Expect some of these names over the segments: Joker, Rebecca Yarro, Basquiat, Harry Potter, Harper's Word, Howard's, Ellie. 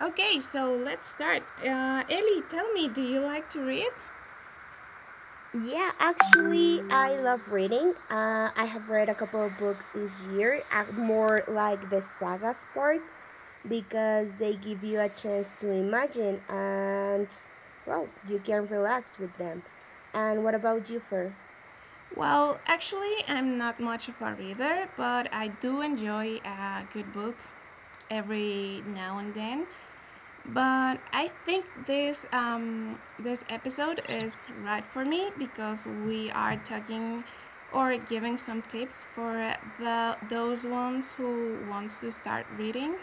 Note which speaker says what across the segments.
Speaker 1: Okay, so let's start. Ellie, tell me, do you like to read?
Speaker 2: Yeah, actually, I love reading. I have read a couple of books this year, more like the sagas part, because they give you a chance to imagine and, well, you can relax with them. And what about you, Fer?
Speaker 1: Well, actually, I'm not much of a reader, but I do enjoy a good book every now and then. But I think this episode is right for me because we are talking or giving some tips for the those ones who wants to start reading.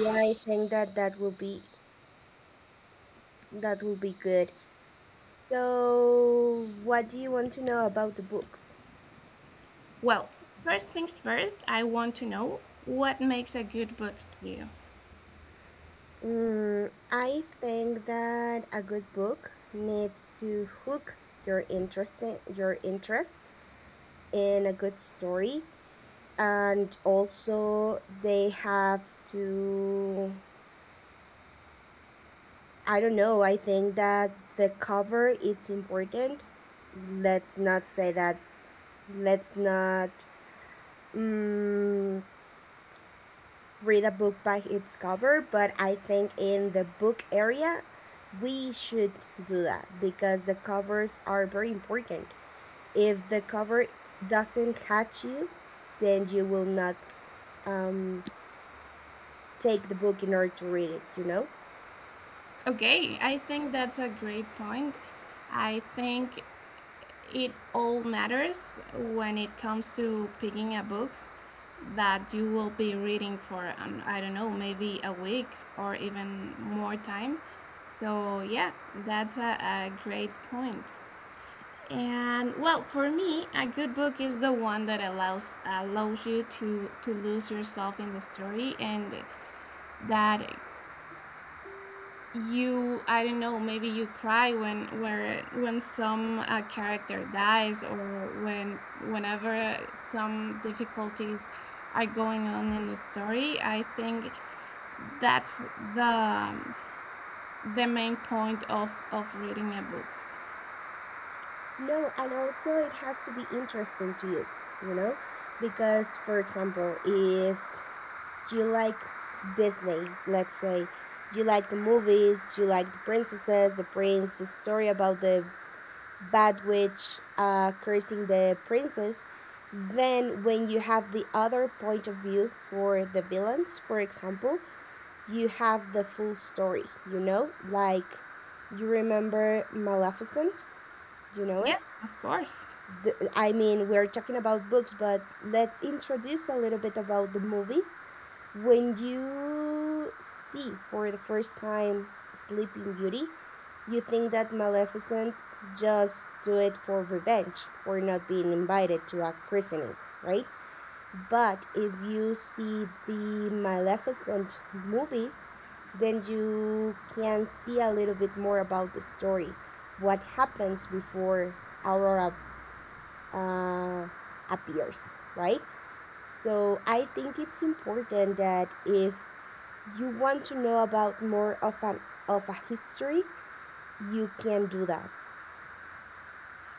Speaker 2: Yeah, I think that that will be good. So what do you want to know about the books?
Speaker 1: Well, first things first, I want to know what makes a good book to you.
Speaker 2: I think that a good book needs to hook your interest in a good story, and also they have to, I don't know. I think that the cover, it's important. Let's not say that. Let's not mm, read a book by its cover, but I think in the book area, we should do that because the covers are very important. If the cover doesn't catch you, then you will not um, take the book in order to read it.
Speaker 1: Okay, I think that's a great point. I think it all matters when it comes to picking a book that you will be reading for I don't know, maybe a week or even more time. So yeah, that's a great point. And well, for me, a good book is the one that allows you to lose yourself in the story, and that you, I don't know, maybe you cry when some character dies or whenever some difficulties are going on in the story. I think that's the um, the main point of reading a book.
Speaker 2: No, and also it has to be interesting to you, you know? Because, for example, if you like Disney, let's say, you like the movies, you like the princesses, the prince, the story about the bad witch cursing the princess, then when you have the other point of view for the villains, for example, you have the full story, you know? Like, you remember Maleficent? Do you know it?
Speaker 1: Yes, of course.
Speaker 2: I mean, we're talking about books, but let's introduce a little bit about the movies. When you see for the first time Sleeping Beauty, you think that Maleficent just do it for revenge for not being invited to a christening, right? But if you see the Maleficent movies, then you can see a little bit more about the story, what happens before Aurora uh, appears, right? So I think it's important that if you want to know about more of an of a history, you can do that.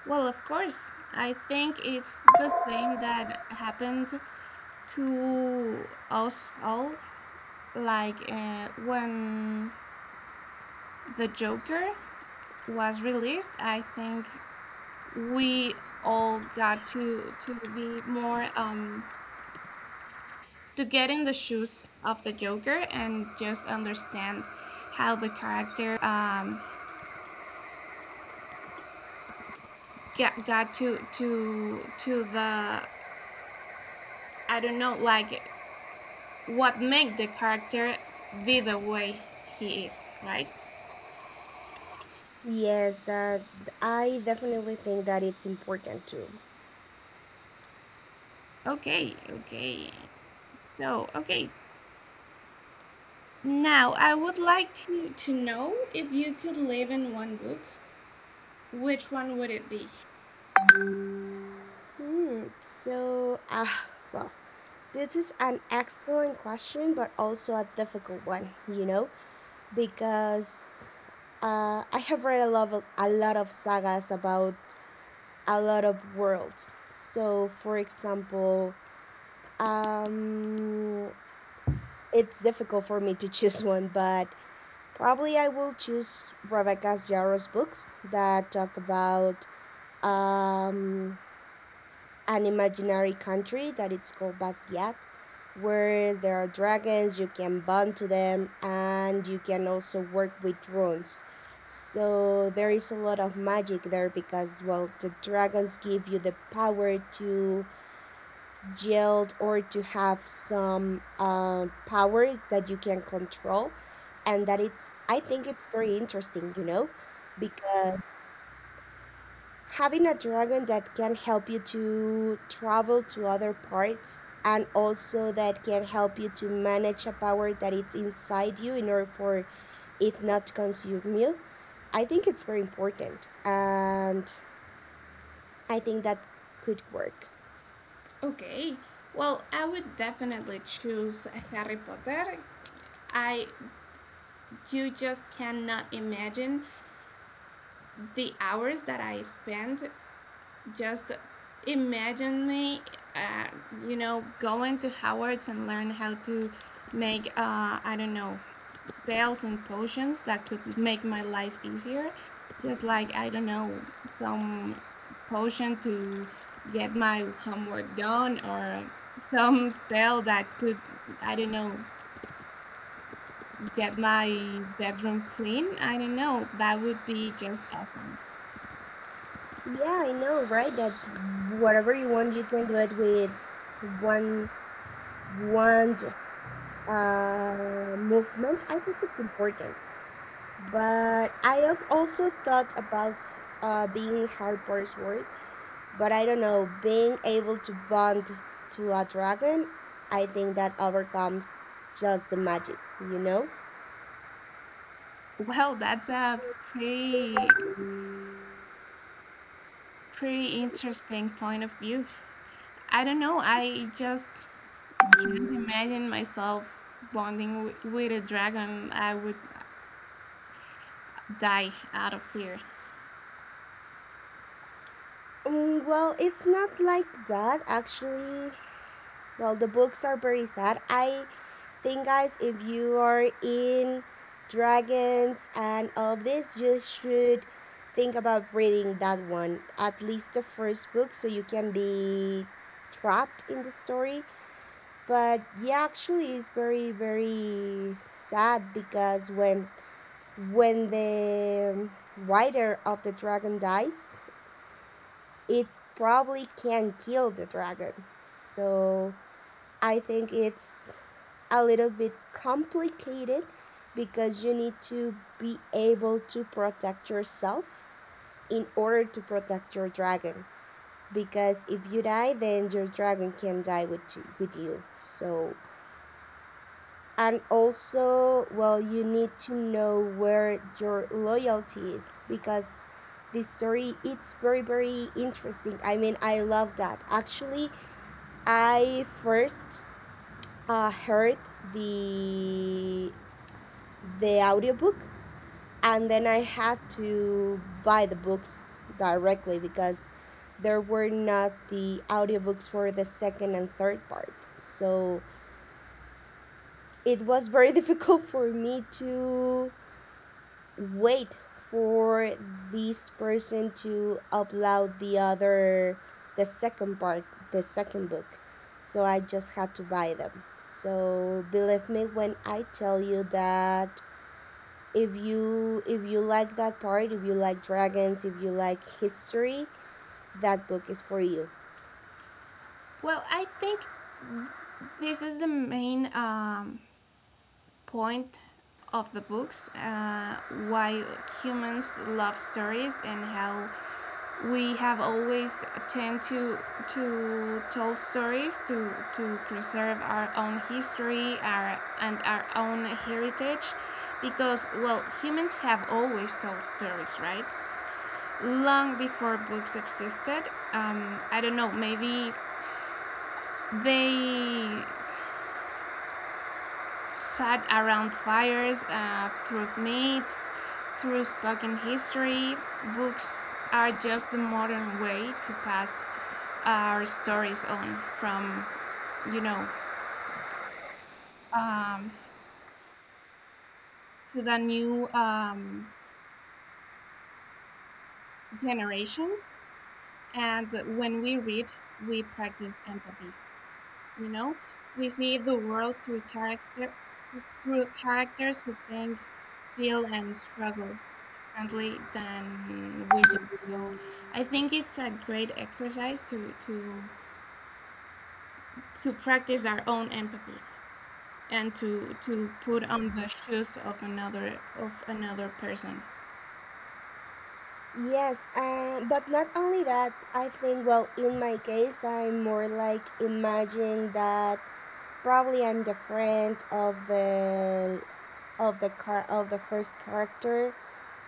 Speaker 1: Well, of course, I think it's the same that happened to us all. Like, when the Joker was released, I think we all got to be more to get in the shoes of the Joker and just understand how the character got to the, I don't know, like what make the character be the way he is, right?
Speaker 2: Yes, that I definitely think that it's important too.
Speaker 1: Okay, okay. So, okay, now, I would like to know if you could live in one book, which one would it be?
Speaker 2: Hmm. So, ah, well, this is an excellent question, but also a difficult one. You know, because I have read a lot of sagas about a lot of worlds. So, for example, um, it's difficult for me to choose one, but probably I will choose Rebecca Yarro's books that talk about um, an imaginary country that it's called Basquiat, where there are dragons, you can bond to them, and you can also work with runes. So there is a lot of magic there because, well, the dragons give you the power to yield or to have some powers that you can control. And that it's, I think it's very interesting, you know? Because having a dragon that can help you to travel to other parts and also that can help you to manage a power that it's inside you in order for it not to consume you, I think it's very important and I think that could work.
Speaker 1: Okay, well, I would definitely choose Harry Potter. I you just cannot imagine the hours that I spent. Just imagine me, uh, going to Howard's and learn how to make, I don't know, spells and potions that could make my life easier. Just like, I don't know, some potion to get my homework done, or some spell that could, I don't know, get my bedroom clean. I don't know. That would be just awesome.
Speaker 2: Yeah, I know, right? That whatever you want, you can do it with one one movement. I think it's important. But I have also thought about being Harper's Word, but I don't know. Being able to bond to a dragon, I think that overcomes just the magic, you know?
Speaker 1: Well, that's a pretty Pretty interesting point of view. I don't know, I just can't imagine myself bonding with a dragon. I would die out of fear.
Speaker 2: Well, it's not like that actually. Well, the books are very sad, I thing, guys. If you are in dragons and all this, you should think about reading that one, at least the first book, so you can be trapped in the story. But yeah, actually, it's very very sad because when the writer of the dragon dies, it probably can kill the dragon. So I think it's a little bit complicated because you need to be able to protect yourself in order to protect your dragon. Because if you die, then your dragon can die with you. So, and also, well, you need to know where your loyalty is because this story it's very very interesting. I mean, I love that. Actually, I first heard the audiobook and then I had to buy the books directly because there were not the audiobooks for the second and third part. So it was very difficult for me to wait for this person to upload the second part, the second book, so I just had to buy them. So believe me when I tell you that if you like that part, if you like dragons, if you like history, that book is for you.
Speaker 1: Well, I think this is the main point of the books, why humans love stories and how we have always tend to tell stories to preserve our own history, our and our own heritage, because, well, humans have always told stories, right, long before books existed. I don't know, maybe they sat around fires, through myths, through spoken history. Books are just the modern way to pass our stories on from, you know, um, to the new generations. And when we read, we practice empathy. You know, we see the world through characters who think, feel, and struggle differently than we do. So I think it's a great exercise to practice our own empathy and to put on the shoes of another person.
Speaker 2: Yes, but not only that, I think, well, in my case, I'm more like imagine that probably I'm the friend of the car of the first character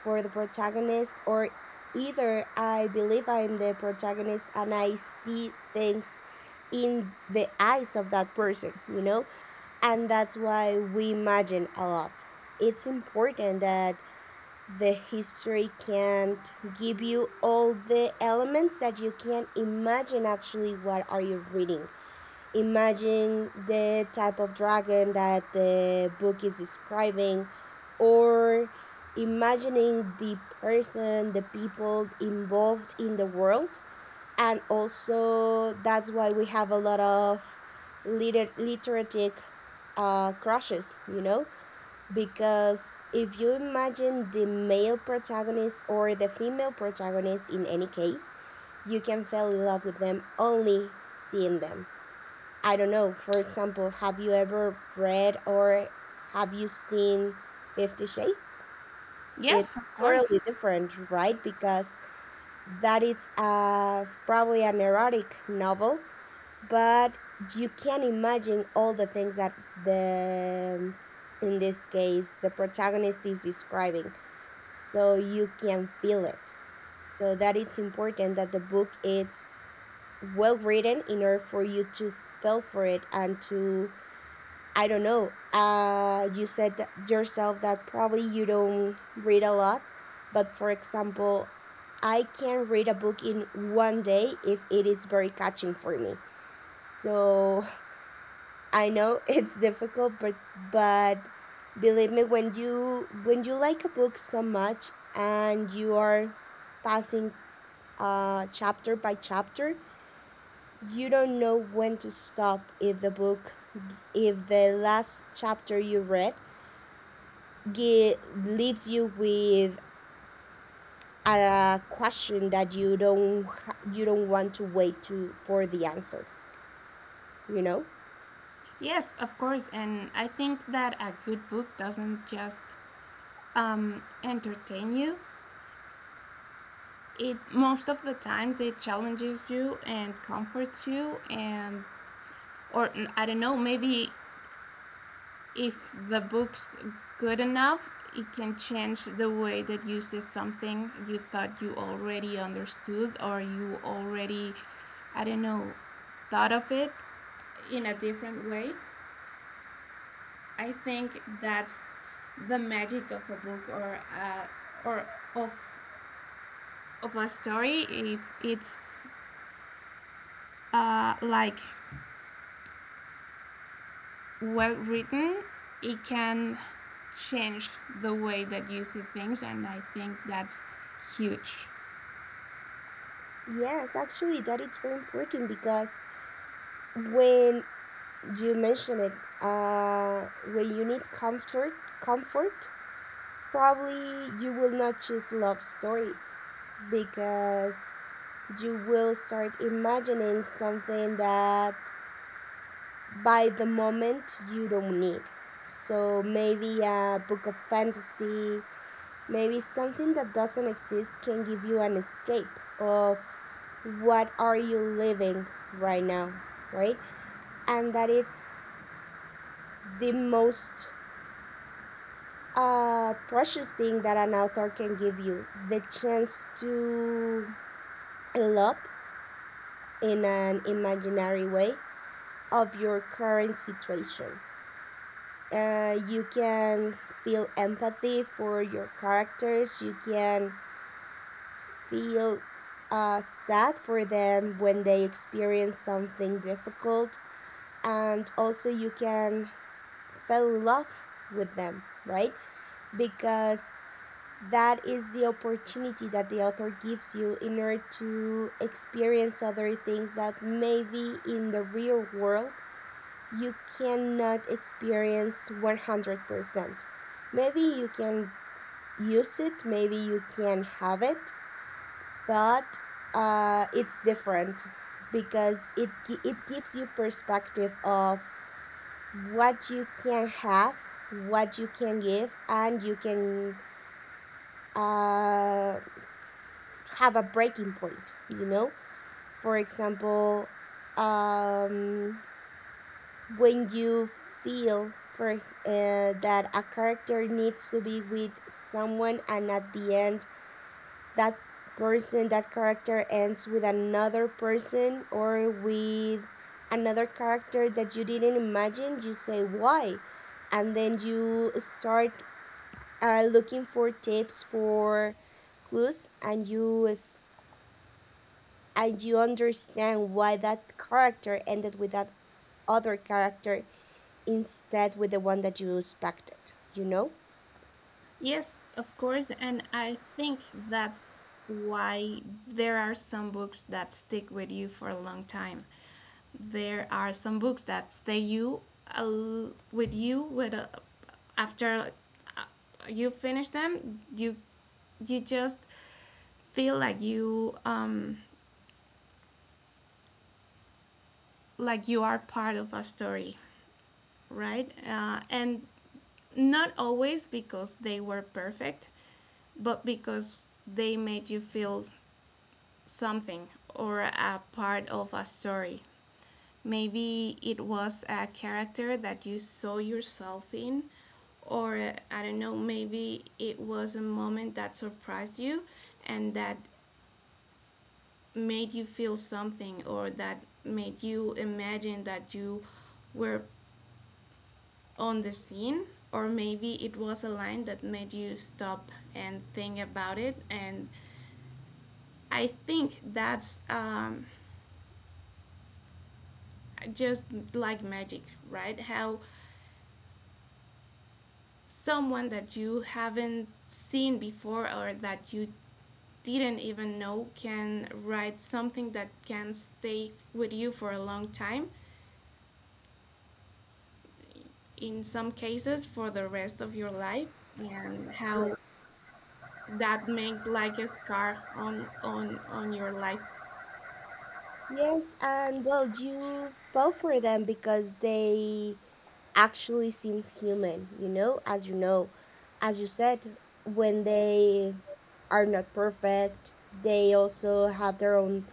Speaker 2: for the protagonist, or either I believe I'm the protagonist and I see things in the eyes of that person, you know? And that's why we imagine a lot. It's important that the history can't give you all the elements that you can imagine. Actually, what are you reading, imagine the type of dragon that the book is describing, or imagining the person, the people involved in the world. And also that's why we have a lot of literatic crushes, you know? Because if you imagine the male protagonist or the female protagonist, in any case, you can fall in love with them only seeing them, I don't know. For example, have you ever read or have you seen 50 shades?
Speaker 1: Yes,
Speaker 2: It's
Speaker 1: of course.
Speaker 2: totally different, right? Because that is probably an erotic novel, but you can imagine all the things that the, in this case, the protagonist is describing, so you can feel it. So that it's important that the book is well written in order for you to feel for it and to, I don't know. You said that yourself that probably you don't read a lot, but for example, I can read a book in one day if it is very catching for me. So I know it's difficult, but but believe me, when you like a book so much and you are passing chapter by chapter, you don't know when to stop. If the book, if the last chapter you read, gi- leaves you with a question that you don't you don't want to wait to for the answer, you know?
Speaker 1: Yes, of course. And I think that a good book doesn't just entertain you, it most of the times it challenges you and comforts you. And or mm, I don't know, maybe if the book's good enough, it can change the way that you see something you thought you already understood, or you already, I don't know, thought of it in a different way. I think that's the magic of a book or of of a story. If it's, like, well written, it can change the way that you see things, and I think that's huge.
Speaker 2: Yes, actually, that it's very important because when you mentioned it, uh, when you need comfort, probably you will not choose love story because you will start imagining something that by the moment you don't need. So maybe a book of fantasy, maybe something that doesn't exist can give you an escape of what are you living right now, right? And that it's the most a precious thing that an author can give you, the chance to envelop in an imaginary way of your current situation. You can feel empathy for your characters, you can feel sad for them when they experience something difficult, and also you can fall in love with them, right? Because that is the opportunity that the author gives you in order to experience other things that maybe in the real world you cannot experience 100%. Maybe you can use it, maybe you can have it, but it's different because it gives you perspective of what you can have, what you can give, and you can. Uh, have a breaking point, you know? For example, um, when you feel for that a character needs to be with someone, and at the end that person, that character ends with another person or with another character that you didn't imagine, you say why. And then you start looking for tips, for clues, and you and you understand why that character ended with that other character instead with the one that you expected, you know?
Speaker 1: Yes, of course, and I think that's why there are some books that stick with you for a long time. There are some books that stay you with you after uh, you finish them. You just feel like you, are part of a story, right? And not always because they were perfect, but because they made you feel something or a part of a story. Maybe it was a character that you saw yourself in, or, I don't know, maybe it was a moment that surprised you and that made you feel something, or that made you imagine that you were on the scene, or maybe it was a line that made you stop and think about it. And I think that's, just like magic, right? How someone that you haven't seen before or that you didn't even know can write something that can stay with you for a long time, in some cases for the rest of your life, and how that make like a scar on your life.
Speaker 2: Yes, and well, you fell for them because they actually seems human, you know? As you know, as you said, when they are not perfect, they also have their own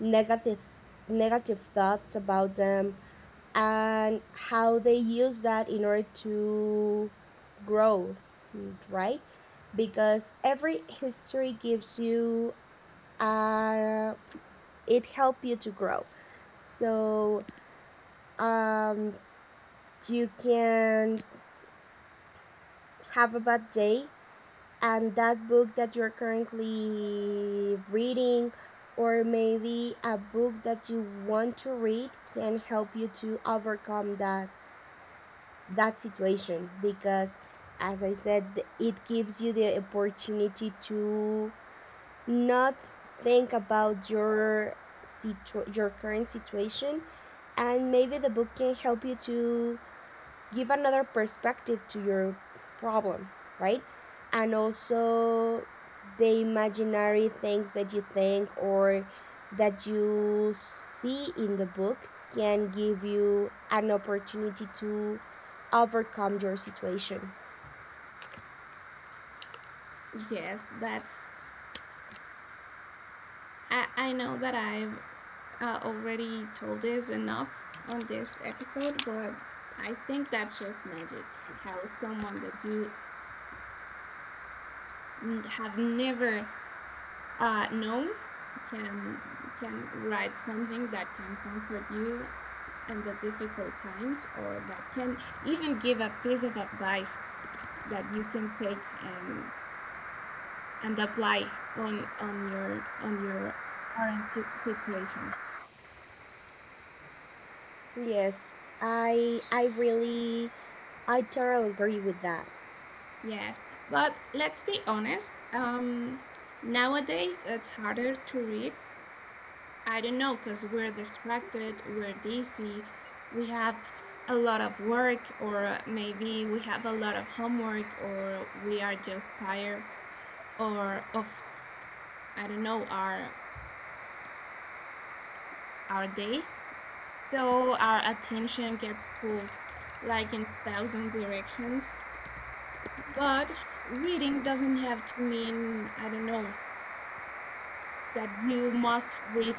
Speaker 2: negative negative thoughts about them and how they use that in order to grow, right? Because every history gives you, uh, it help you to grow. So um, you can have a bad day, and that book that you're currently reading, or maybe a book that you want to read, can help you to overcome that situation. Because as I said, it gives you the opportunity to not think about your current situation, and maybe the book can help you to give another perspective to your problem, right? And also the imaginary things that you think or that you see in the book can give you an opportunity to overcome your situation.
Speaker 1: Yes, that's. I know that I've already told this enough on this episode, but I think that's just magic. How someone that you have never known can can write something that can comfort you in the difficult times, or that can even give a piece of advice that you can take and apply on your current situation.
Speaker 2: Yes. I really, I totally agree with that.
Speaker 1: Yes, but let's be honest. Nowadays, it's harder to read. I don't know, because we're distracted, we're busy, we have a lot of work, or maybe we have a lot of homework, or we are just tired, or of, I don't know, our day. So our attention gets pulled like in thousand directions. But reading doesn't have to mean, I don't know, that you must read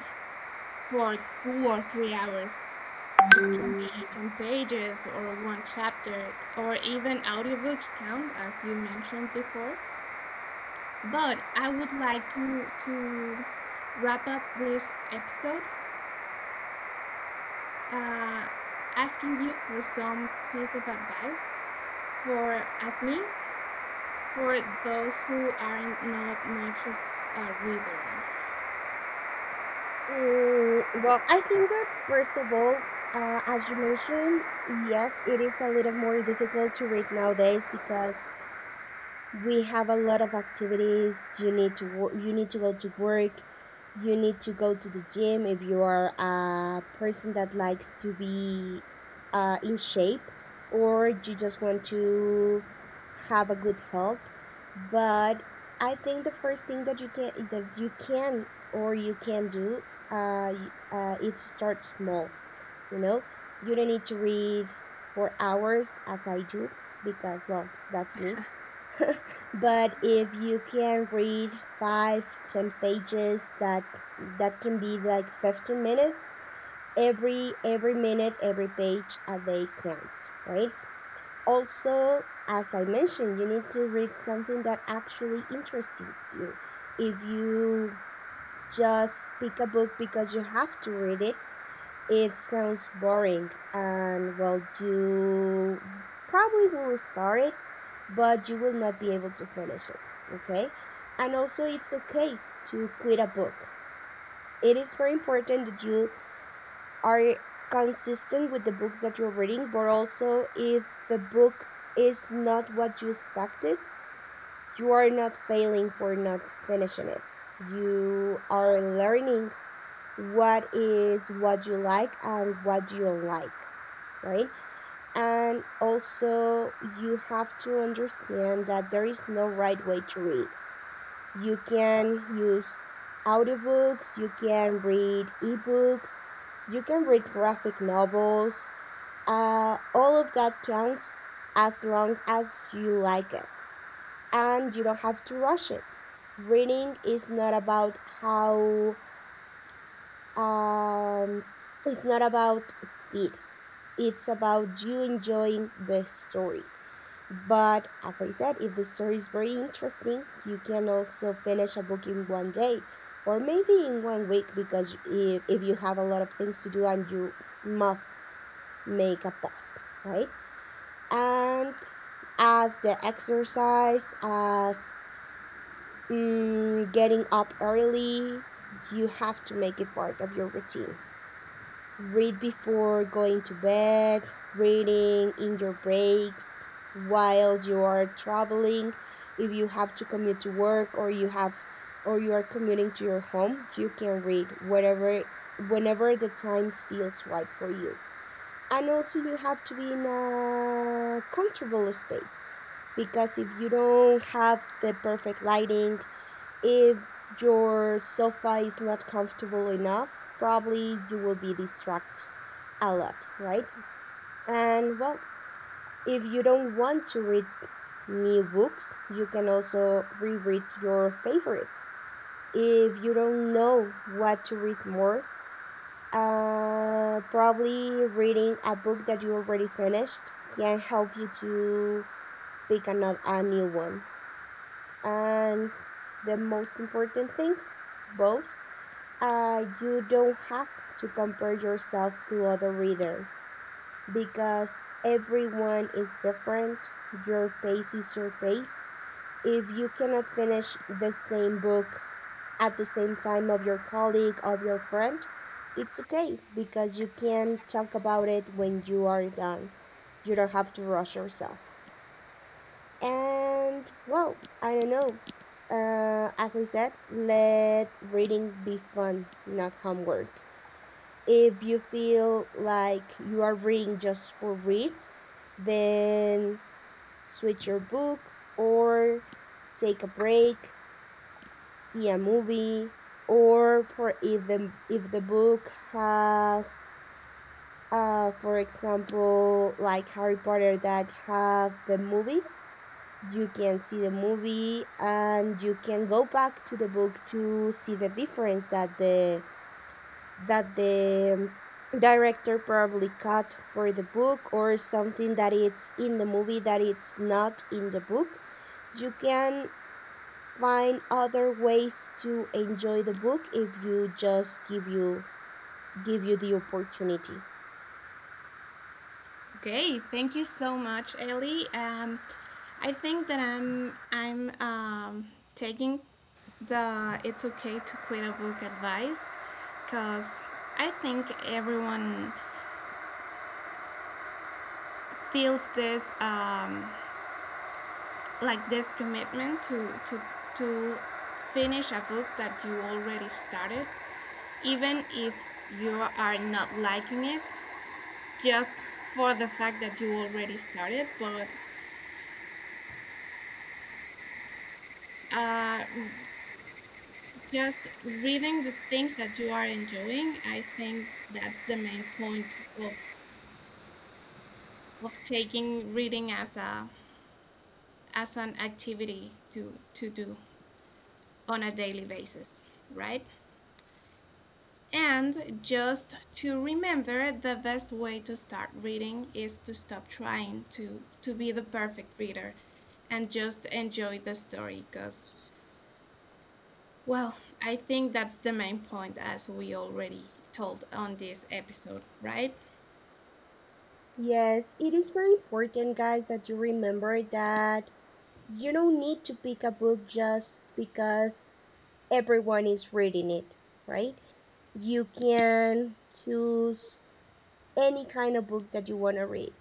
Speaker 1: for 2 or 3 hours. It can be 10 pages or one chapter, or even audiobooks count, as you mentioned before. But I would like to wrap up this episode, uh, asking you for some piece of advice for, as me, for those who are not much of a reader.
Speaker 2: Well, I think that first of all, as you mentioned, yes, it is a little more difficult to read nowadays because we have a lot of activities. You need to work, you need to go to work, you need to go to the gym if you are a person that likes to be in shape, or you just want to have a good health. But I think the first thing that you can or you can do, uh, y- it starts small you know you don't need to read for hours as I do because, well, that's me. But if you can read five, ten pages, that can be like 15 minutes. Every minute, every page a day counts, right? Also, as I mentioned, you need to read something that actually interested you. If you just pick a book because you have to read it, it sounds boring, and, well, you probably will start it, but you will not be able to finish it, okay? And also, it's okay to quit a book. It is very important that you are consistent with the books that you're reading, but also if the book is not what you expected, you are not failing for not finishing it. You are learning what is what you like and what you don't like, right? And also, you have to understand that there is no right way to read. You can use audiobooks, you can read ebooks, you can read graphic novels. All of that counts as long as you like it. And you don't have to rush it. Reading is not about how um, it's not about speed. It's about you enjoying the story. But as I said, if the story is very interesting, you can also finish a book in one day or maybe in one week because, if you have a lot of things to do and you must make a pause, right? And as the exercise, as getting up early, you have to make it part of your routine. Read before going to bed, reading in your breaks, while you are traveling. If you have to commute to work or you are commuting to your home, you can read whatever whenever the times feels right for you. And also you have to be in a comfortable space because if you don't have the perfect lighting, if your sofa is not comfortable enough, probably you will be distracted a lot, right? And, well, if you don't want to read new books, you can also reread your favorites. If you don't know what to read more, probably reading a book that you already finished can help you to pick another, a new one. And the most important thing, both you don't have to compare yourself to other readers because everyone is different. Your pace is your pace. If you cannot finish the same book at the same time of your colleague, of your friend, it's okay because you can talk about it when you are done. You don't have to rush yourself. And, well, I don't know. As I said, let reading be fun, not homework. If you feel like you are reading just for read, then switch your book or take a break, see a movie, or for if the book has for example, like Harry Potter that have the movies, you can see the movie and you can go back to the book to see the difference that the director probably cut for the book, or something that it's in the movie that it's not in the book. You can find other ways to enjoy the book if you just give you the opportunity.
Speaker 1: Okay, thank you so much, Ellie. I think that I'm taking the it's okay to quit a book advice, because I think everyone feels this like this commitment to finish a book that you already started, even if you are not liking it, just for the fact that you already started. But uh, just reading the things that you are enjoying, I think that's the main point of taking reading as a as an activity to do on a daily basis, right? And just to remember, the best way to start reading is to stop trying to be the perfect reader and just enjoy the story, because, well, I think that's the main point, as we already told on this episode, right?
Speaker 2: Yes, it is very important, guys, that you remember that you don't need to pick a book just because everyone is reading it, right? You can choose any kind of book that you want to read.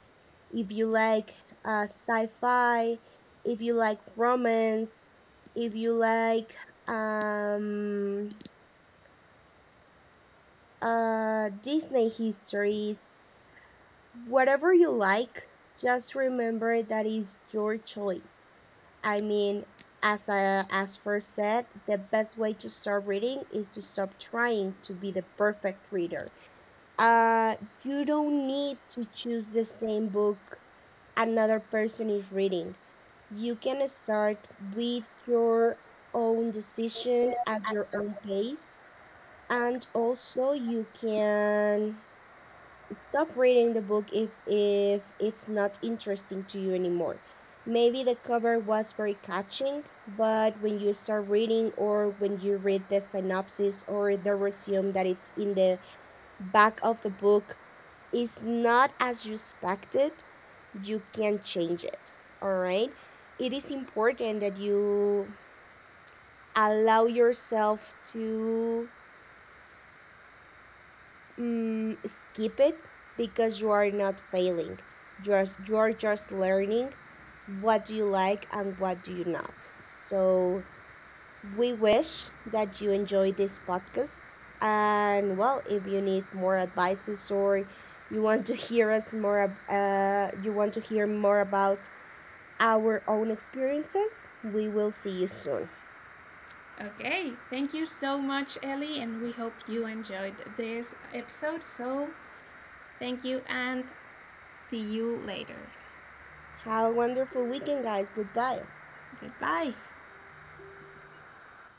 Speaker 2: If you like sci fi, if you like romance, if you like um, Disney histories, whatever you like, just remember that is your choice. I mean, as first said, the best way to start reading is to stop trying to be the perfect reader. Uh, you don't need to choose the same book another person is reading. You can start with your own decision at your own pace, and also you can stop reading the book if it's not interesting to you anymore. Maybe the cover was very catching, but when you start reading or when you read the synopsis or the resume that it's in the back of the book is not as you expected, you can change it. All right? It is important that you allow yourself to skip it because you are not failing. You are just learning what do you like and what do you not. So we wish that you enjoy this podcast. And, well, if you need more advices or you want to hear us more, you want to hear more about our own experiences, we will see you soon.
Speaker 1: Okay, thank you so much, Ellie, and we hope you enjoyed this episode. So, thank you and see you later.
Speaker 2: Have a wonderful weekend, guys. Goodbye.
Speaker 1: Goodbye.